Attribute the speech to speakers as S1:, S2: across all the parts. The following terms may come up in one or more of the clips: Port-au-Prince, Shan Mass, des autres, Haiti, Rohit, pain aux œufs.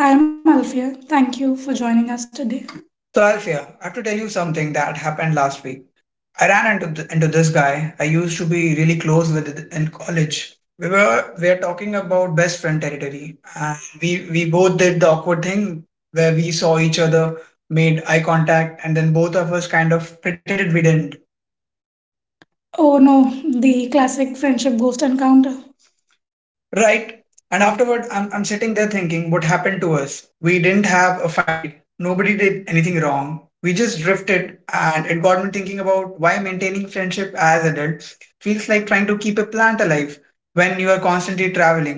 S1: And I'm Alfia. Thank you for joining us today.
S2: So Alfia, I have to tell you something that happened last week. I ran into into this guy I used to be really close with in college. We are talking about best friend territory, and we both did the awkward thing where we saw each other, made eye contact, and then both of us kind of pretended we didn't.
S1: Oh no, the classic friendship ghost encounter.
S2: Right. And afterward, I'm sitting there thinking what happened to us. We didn't have a fight. Nobody did anything wrong. We just drifted. And it got me thinking about why maintaining friendship as adults feels like trying to keep a plant alive when you are constantly traveling.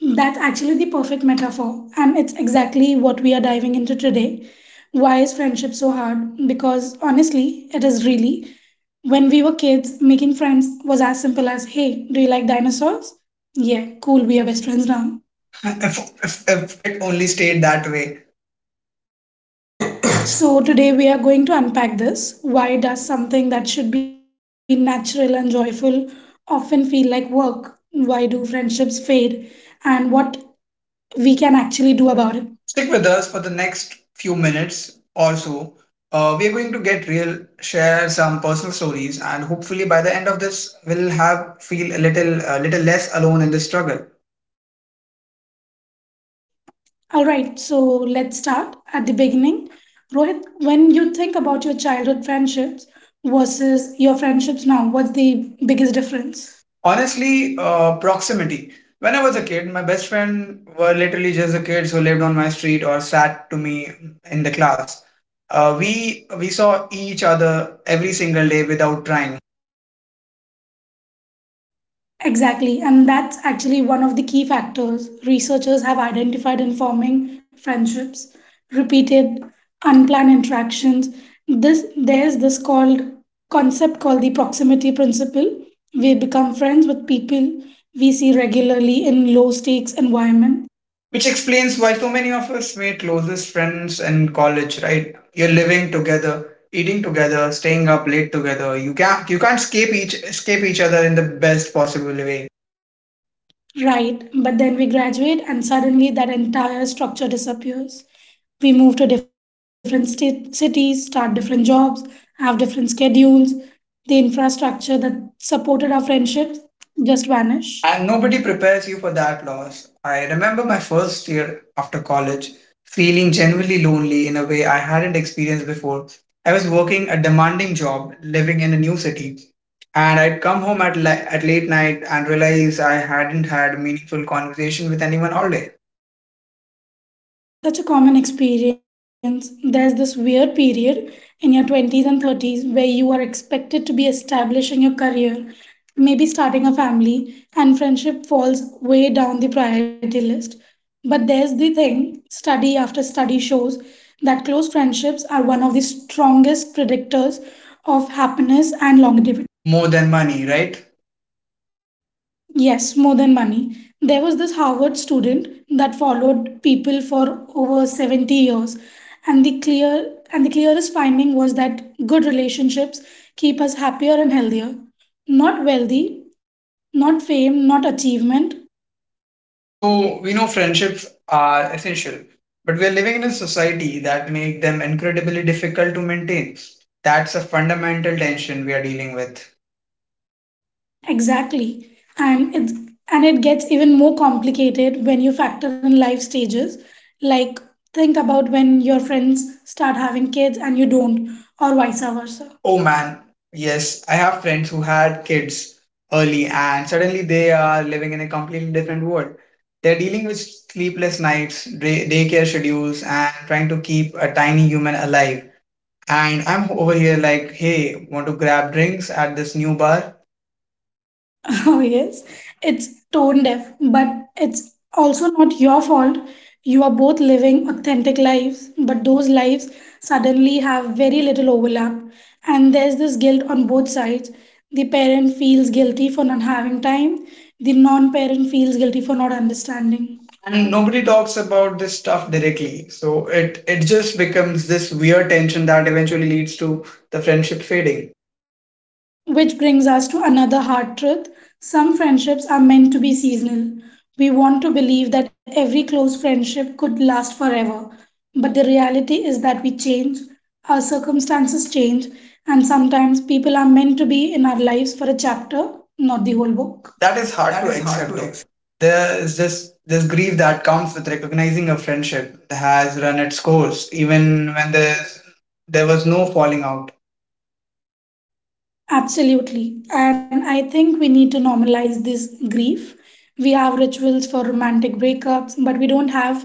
S1: That's actually the perfect metaphor, and it's exactly what we are diving into today. Why is friendship so hard? Because honestly, it is really. When we were kids, making friends was as simple as hey, do you like dinosaurs? Yeah, cool, we are best friends now.
S2: If it only stayed that way.
S1: So, today we are going to unpack this. Why does something that should be natural and joyful often feel like work? Why do friendships fade? And what we can actually do about it?
S2: Stick with us for the next few minutes or so. We are going to get real, share some personal stories, and hopefully by the end of this, we'll have feel a little less alone in this struggle.
S1: All right, so let's start at the beginning. Rohit, when you think about your childhood friendships versus your friendships now, what's the biggest difference?
S2: Honestly, proximity. When I was a kid, my best friend were literally just the kids who lived on my street or sat to me in the class. We saw each other every single day without trying,
S1: Exactly, and that's actually one of the key factors researchers have identified in forming friendships. Repeated, unplanned interactions. This there's this called concept called the proximity principle. We become friends with people we see regularly in low stakes environment.
S2: which explains why so many of us made closest friends in college. Right, you're living together, eating together, staying up late together. You can't escape each other in the best possible way.
S1: Right, but then we graduate and suddenly that entire structure disappears. We move to different state, cities, start different jobs, have different schedules. The infrastructure that supported our friendships just vanish.
S2: And nobody prepares you for that loss. I remember my first year after college feeling genuinely lonely in a way I hadn't experienced before. I was working a demanding job, living in a new city, and I'd come home at late night and realize I hadn't had a meaningful conversation with anyone all day.
S1: That's such a common experience. There's this weird period in your 20s and 30s where you are expected to be establishing your career, maybe starting a family, and friendship falls way down the priority list. But there's the thing, study after study shows that close friendships are one of the strongest predictors of happiness and longevity.
S2: More than money, right?
S1: Yes, more than money. There was this Harvard student that followed people for over 70 years, and the clearest finding was that good relationships keep us happier and healthier. Not wealthy, not fame, not achievement.
S2: So we know friendships are essential, but we are living in a society that make them incredibly difficult to maintain. That's a fundamental tension we are dealing with.
S1: Exactly. And it gets even more complicated when you factor in life stages. Like think about when your friends start having kids and you don't, or vice versa.
S2: Oh man, yes, I have friends who had kids early and suddenly they are living in a completely different world. They're dealing with sleepless nights, daycare schedules, and trying to keep a tiny human alive. And I'm over here like, hey, want to grab drinks at this new bar?
S1: Oh, yes, it's tone deaf, but it's also not your fault. You are both living authentic lives, but those lives suddenly have very little overlap. And there's this guilt on both sides. The parent feels guilty for not having time, the non parent feels guilty for not understanding.
S2: And nobody talks about this stuff directly. So it just becomes this weird tension that eventually leads to the friendship fading.
S1: Which brings us to another hard truth. Some friendships are meant to be seasonal. We want to believe that every close friendship could last forever. But the reality is that we change, our circumstances change, and sometimes people are meant to be in our lives for a chapter, not the whole book.
S2: That is hard to accept, though there is just this grief that comes with recognizing a friendship has run its course even when there was no falling out.
S1: Absolutely. And I think we need to normalize this grief. We have rituals for romantic breakups, but we don't have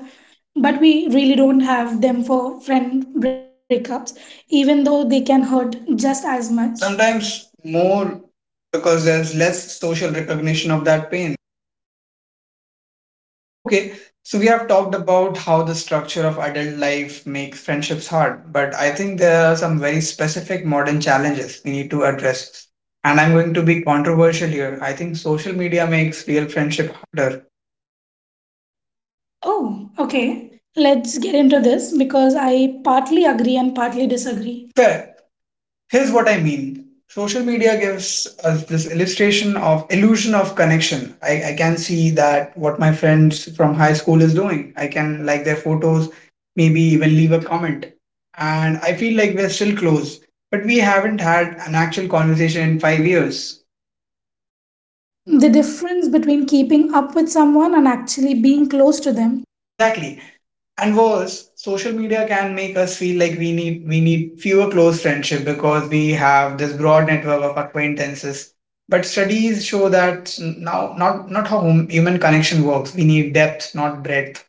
S1: but we really don't have them for friend breakups, even though they can hurt just as much.
S2: Sometimes more, because there's less social recognition of that pain. Okay, so we have talked about how the structure of adult life makes friendships hard, but I think there are some very specific modern challenges we need to address. And I'm going to be controversial here. I think social media makes real friendship harder.
S1: Oh, okay. Let's get into this because I partly agree and partly disagree.
S2: Fair. Here's what I mean. Social media gives us this illustration of illusion of connection. I can see that what my friends from high school is doing. I can like their photos, maybe even leave a comment. And I feel like we're still close, but we haven't had an actual conversation in 5 years.
S1: The difference between keeping up with someone and actually being close to them.
S2: Exactly. And worse, social media can make us feel like we need fewer close friendship, because we have this broad network of acquaintances, but studies show that now not how human connection works. We need depth not breadth,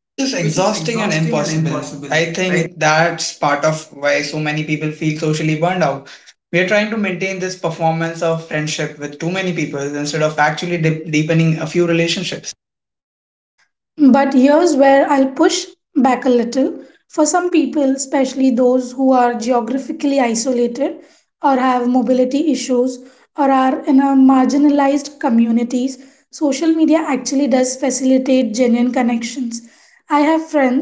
S2: which is exhausting and impossible. I think that's part of why so many people feel socially burned out. We are trying to maintain this performance of friendship with too many people instead of actually deepening a few relationships.
S1: But here's where I'll push back a little. For some people, especially those who are geographically isolated or have mobility issues or are in a marginalized communities, social media actually does facilitate genuine connections. I have friends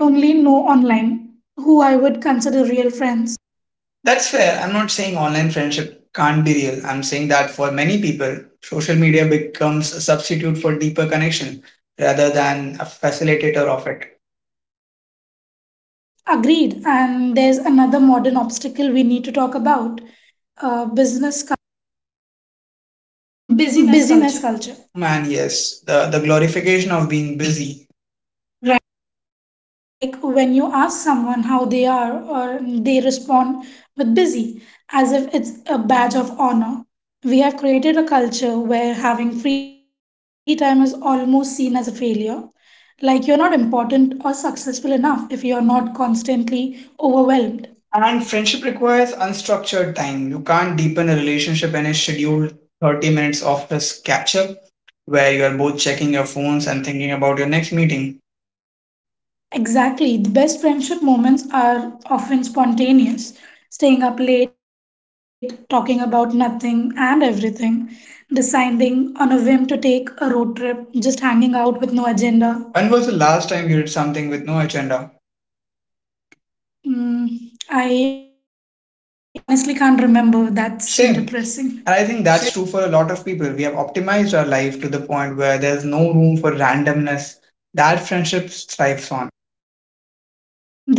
S1: I only know online who I would consider real friends.
S2: That's fair. I'm not saying online friendship can't be real. I'm saying that for many people, social media becomes a substitute for deeper connection rather than a facilitator of it.
S1: Agreed. And there's another modern obstacle we need to talk about, business
S2: Busyness
S1: busyness
S2: culture.
S1: culture,
S2: Man, yes, the glorification of being busy. Right.
S1: right? Like when you ask someone how they are, or they respond with busy, as if it's a badge of honor. We have created a culture where having free time is almost seen as a failure. Like you're not important or successful enough if you're not constantly overwhelmed.
S2: And friendship requires unstructured time. You can't deepen a relationship in a scheduled 30 minutes of catch up where you are both checking your phones and thinking about your next meeting.
S1: Exactly. The best friendship moments are often spontaneous. Staying up late, talking about nothing and everything, deciding on a whim to take a road trip, just hanging out with no agenda.
S2: When was the last time you did something with no agenda?
S1: Mm, I honestly can't remember. That's depressing.
S2: Same. And I think that's true for a lot of people. We have optimized our life to the point where there's no room for randomness that friendship thrives on.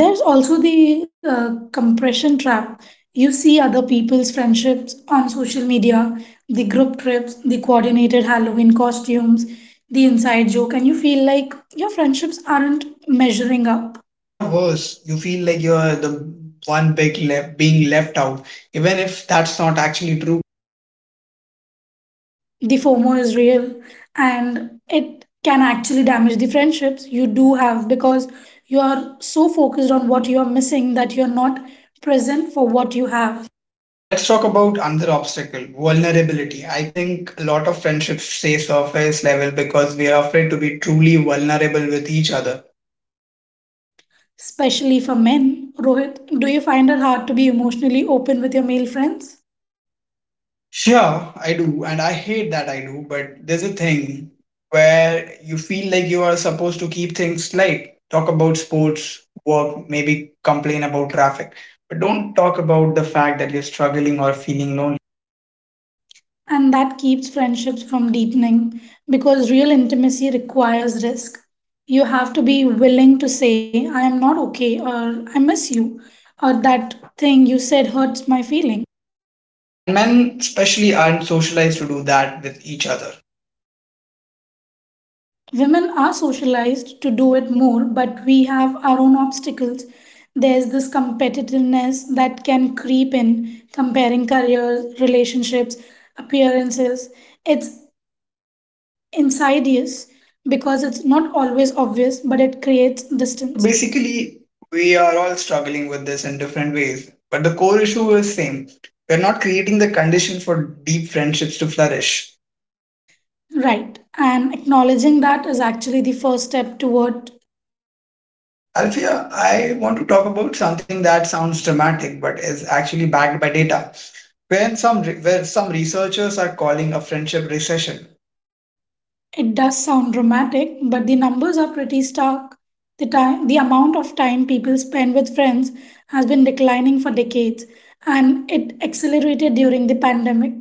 S1: There's also the compression trap. You see other people's friendships on social media, the group trips, the coordinated Halloween costumes, the inside joke, and you feel like your friendships aren't measuring up.
S2: Or worse, you feel like you're the one big left being left out, even if that's not actually true.
S1: The FOMO is real, and it can actually damage the friendships you do have because you are so focused on what you are missing that you're not present for what you have.
S2: Let's talk about another obstacle, vulnerability. I think a lot of friendships stay surface level because we are afraid to be truly vulnerable with each other.
S1: Especially for men. Rohit, do you find it hard to be emotionally open with your male friends?
S2: Sure, I do, and I hate that I do, but there's a thing where you feel like you are supposed to keep things light, talk about sports, work, maybe complain about traffic, but don't talk about the fact that you're struggling or feeling lonely.
S1: And that keeps friendships from deepening because real intimacy requires risk. You have to be willing to say, I am not okay, or I miss you, or that thing you said hurts my feelings.
S2: And men, especially, aren't socialized to do that with each other.
S1: Women are socialized to do it more, but we have our own obstacles. There's this competitiveness that can creep in, comparing careers, relationships, appearances. It's insidious because it's not always obvious, but it creates distance.
S2: Basically, we are all struggling with this in different ways, but the core issue is same. We're not creating the conditions for deep friendships to flourish.
S1: Right. And acknowledging that is actually the first step toward.
S2: Alfia, I want to talk about something that sounds dramatic but is actually backed by data. When some, re- where some researchers are calling a friendship recession.
S1: It does sound dramatic, but the numbers are pretty stark. The time, the amount of time people spend with friends has been declining for decades, and it accelerated during the pandemic.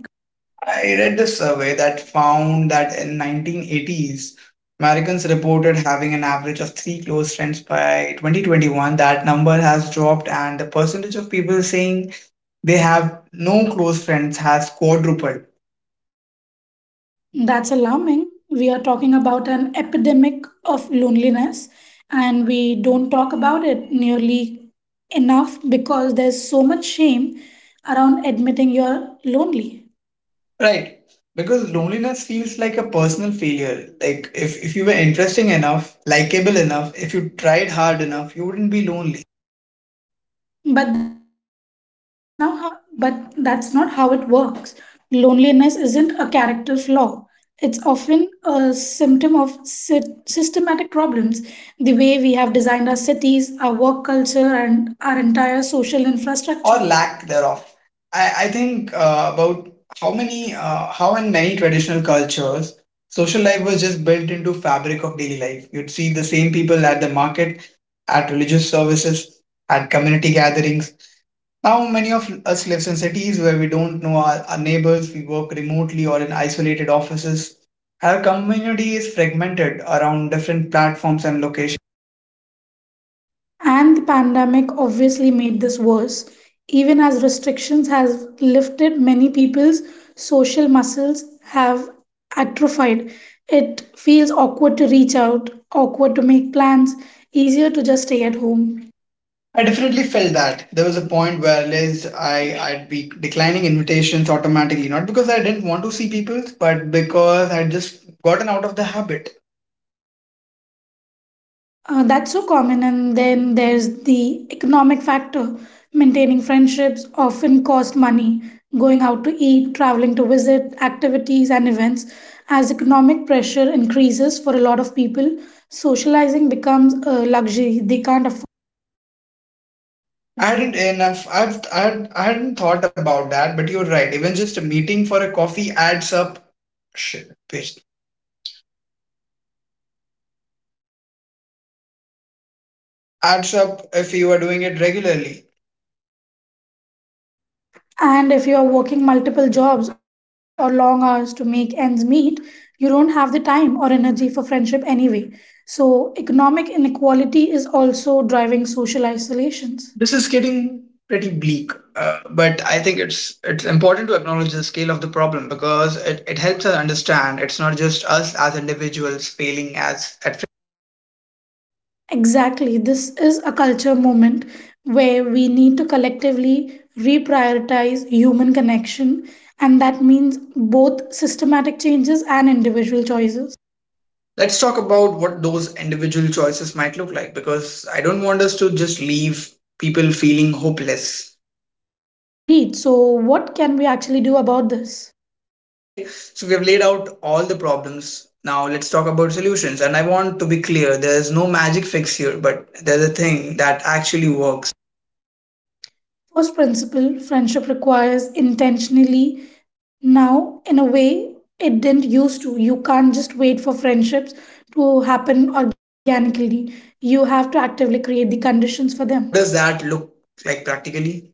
S2: I read this survey that found that in 1980s, Americans reported having an average of three close friends by 2021. That number has dropped, and the percentage of people saying they have no close friends has quadrupled.
S1: That's alarming. We are talking about an epidemic of loneliness, and we don't talk about it nearly enough because there's so much shame around admitting you're lonely.
S2: Right. Because loneliness feels like a personal failure. Like if you were interesting enough, likable enough, if you tried hard enough, you wouldn't be lonely
S1: But that's now how, but that's not how it works. Loneliness isn't a character flaw. It's often a symptom of systematic problems. The way we have designed our cities, our work culture, and our entire social infrastructure.
S2: or lack thereof. I think about how in many traditional cultures, social life was just built into fabric of daily life. You'd see the same people at the market, at religious services, at community gatherings. Now, many of us lives in cities where we don't know our neighbors, we work remotely or in isolated offices. Our community is fragmented around different platforms and locations.
S1: And the pandemic obviously made this worse. Even as restrictions have lifted, many people's social muscles have atrophied. It feels awkward to reach out, awkward to make plans, easier to just stay at home.
S2: I definitely felt that. There was a point where I realized I'd be declining invitations automatically, not because I didn't want to see people, but because I'd just gotten out of the habit.
S1: That's so common. And then there's the economic factor. Maintaining friendships often cost money. Going out to eat, traveling to visit, activities, and events. As economic pressure increases for a lot of people, socializing becomes a luxury they can't afford.
S2: I hadn't enough. I hadn't thought about that, but you're right. Even just a meeting for a coffee adds up. Shit, adds up if you are doing it regularly.
S1: And if you're working multiple jobs or long hours to make ends meet, you don't have the time or energy for friendship anyway. So, economic inequality is also driving social isolations.
S2: This is getting pretty bleak, but I think it's important to acknowledge the scale of the problem because it helps us understand it's not just us as individuals failing as at.
S1: Exactly. This is a culture moment where we need to collectively reprioritize human connection, and that means both systematic changes and individual choices.
S2: Let's talk about what those individual choices might look like because I don't want us to just leave people feeling hopeless.
S1: Agreed. So, what can we actually do about this?
S2: Okay, so we have laid out all the problems. Now let's talk about solutions. And I want to be clear there's no magic fix here, but there's a thing that actually works.
S1: First principle, friendship requires intentionally. Now, in a way, it didn't used to. You can't just wait for friendships to happen organically, you have to actively create the conditions for
S2: What
S1: them.
S2: does that look like practically?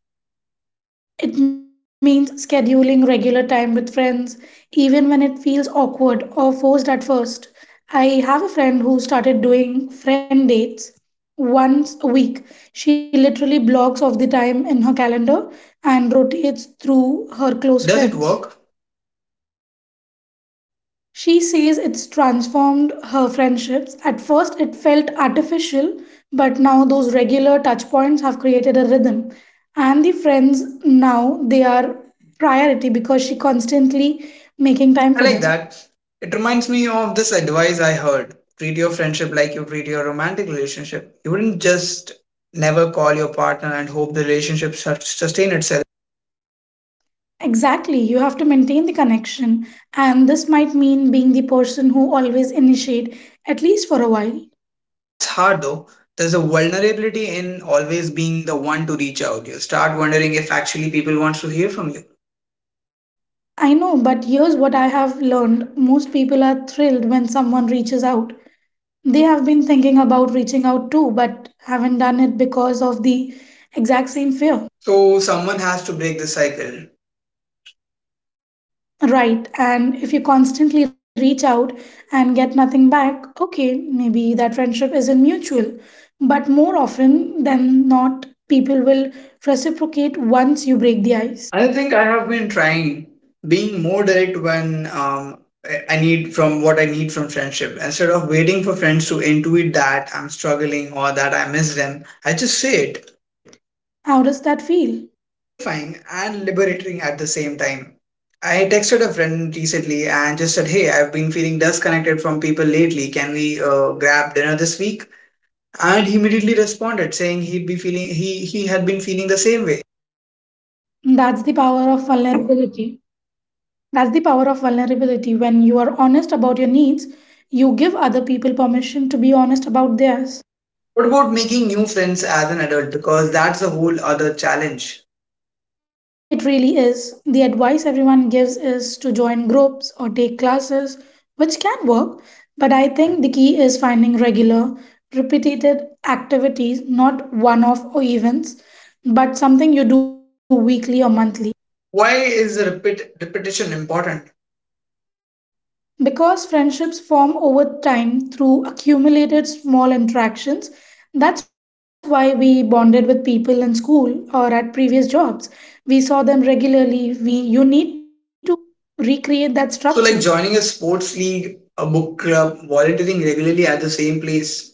S1: It means scheduling regular time with friends, even when it feels awkward or forced at first. I have a friend who started doing friend dates once a week. She literally blocks off the time in her calendar and rotates through her close
S2: Does it
S1: friends.
S2: work?
S1: She says it's transformed her friendships. At first, it felt artificial, but now those regular touch points have created a rhythm. And the friends now they are priority because she constantly making time
S2: I
S1: for
S2: like
S1: them.
S2: that. It reminds me of this advice I heard treat your friendship like you treat your romantic relationship. You wouldn't just never call your partner and hope the relationship sustain itself.
S1: Exactly, you have to maintain the connection, and this might mean being the person who always initiate, at least for a while.
S2: That's hard though. There's a vulnerability in always being the one to reach out. You start wondering if actually people want to hear from you.
S1: I know, but here's what I have learned: most people are thrilled when someone reaches out. They have been thinking about reaching out too, but haven't done it because of the exact same fear.
S2: So someone has to break the cycle.
S1: Right, and if you constantly reach out and get nothing back, okay, maybe that friendship isn't mutual. But more often than not, people will reciprocate once you break the ice.
S2: I think I have been trying being more direct when I need from what I need from friendship. Instead of waiting for friends to intuit that I'm struggling or that I miss them, I just say it.
S1: How does that feel?
S2: Terrifying and liberating at the same time. I texted a friend recently and just said, Hey, I've been feeling disconnected from people lately. Can we grab dinner this week? And he immediately responded saying he had been feeling the same way.
S1: That's the power of vulnerability. When you are honest about your needs, you give other people permission to be honest about theirs.
S2: What about making new friends as an adult? Because that's a whole other challenge.
S1: It really is. The advice everyone gives is to join groups or take classes, which can work, but I think the key is finding regular, repeated activities, not one off events, but something you do weekly or monthly.
S2: Why is repetition important?
S1: Because friendships form over time through accumulated small interactions, that's why we bonded with people in school or at previous jobs. We saw them regularly. You need to recreate that structure.
S2: So, like joining a sports league, a book club, volunteering regularly at the same place,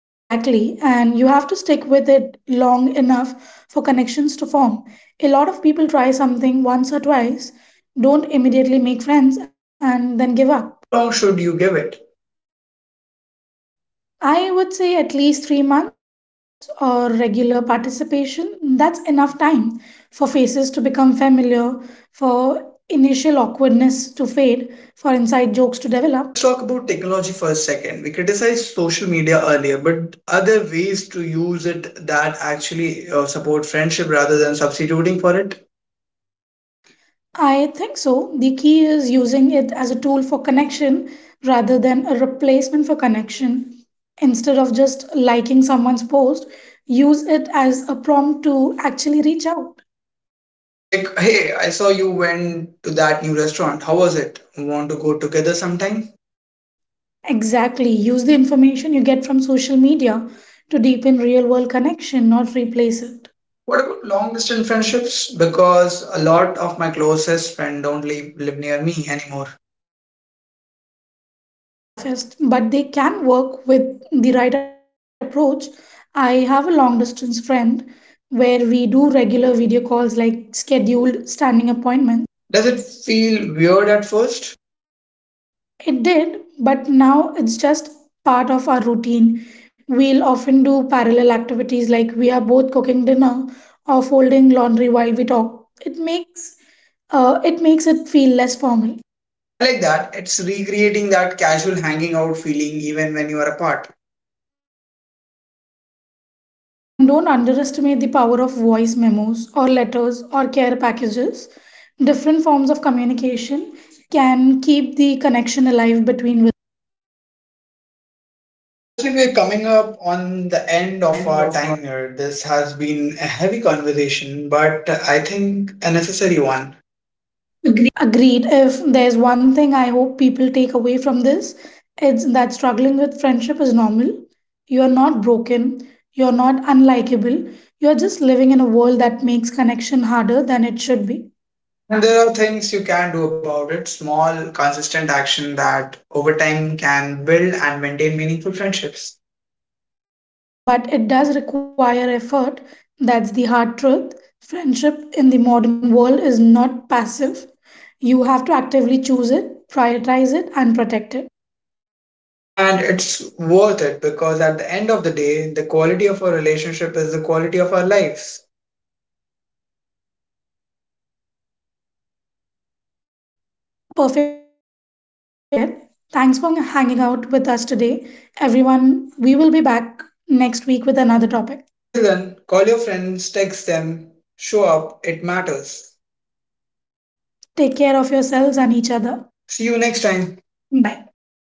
S1: Exactly. And you have to stick with it long enough for connections to form. A lot of people try something once or twice, don't immediately make friends, and then give up.
S2: how long should you give it?
S1: I would say at least 3 months or regular participation. That's enough time for faces to become familiar, for initial awkwardness to fade, for inside jokes to develop.
S2: Let's talk about technology for a second. We criticized social media earlier, but are there ways to use it that actually support friendship rather than substituting for it?
S1: I think so. The key is using it as a tool for connection rather than a replacement for connection. Instead of just liking someone's post, use it as a prompt to actually reach out.
S2: Like, hey, I saw you went to that new restaurant. How was it? Want to go together sometime?
S1: Exactly. Use the information you get from social media to deepen real world connection, not replace it.
S2: What about long distance friendships? Because a lot of my closest friends don't live near me anymore.
S1: Those are the toughest, but they can work with the right approach. I have a long distance friend where we do regular video calls like scheduled standing appointments.
S2: Does it feel weird at first?
S1: It did, but now it's just part of our routine. We'll often do parallel activities like we are both cooking dinner or folding laundry while we talk. It makes it feel less formal.
S2: I like that. It's recreating that casual hanging out feeling even when you are apart.
S1: And don't underestimate the power of voice memos or letters or care packages. Different forms of communication can keep the connection alive between.
S2: I feel we're coming up on the end of our time here. This has been a heavy conversation, but I think a necessary one. Agree.
S1: Agreed. If there's one thing I hope people take away from this, it's that struggling with friendship is normal. You're not broken, you're not unlikable, you're just living in a world that makes connection harder than it should be.
S2: And there are things you can do about it, small, consistent action that over time can build and maintain meaningful friendships.
S1: But it does require effort. That's the hard truth. Friendship in the modern world is not passive. You have to actively choose it, prioritize it, and protect it.
S2: And it's worth it because at the end of the day, the quality of our relationship is the quality of our lives.
S1: Perfectly said. Thanks for hanging out with us today. Everyone, we will be back next week with another topic.
S2: Until then, call your friends, text them, show up, it matters.
S1: Take care of yourselves and each other.
S2: See you next time. Bye.
S1: Bye.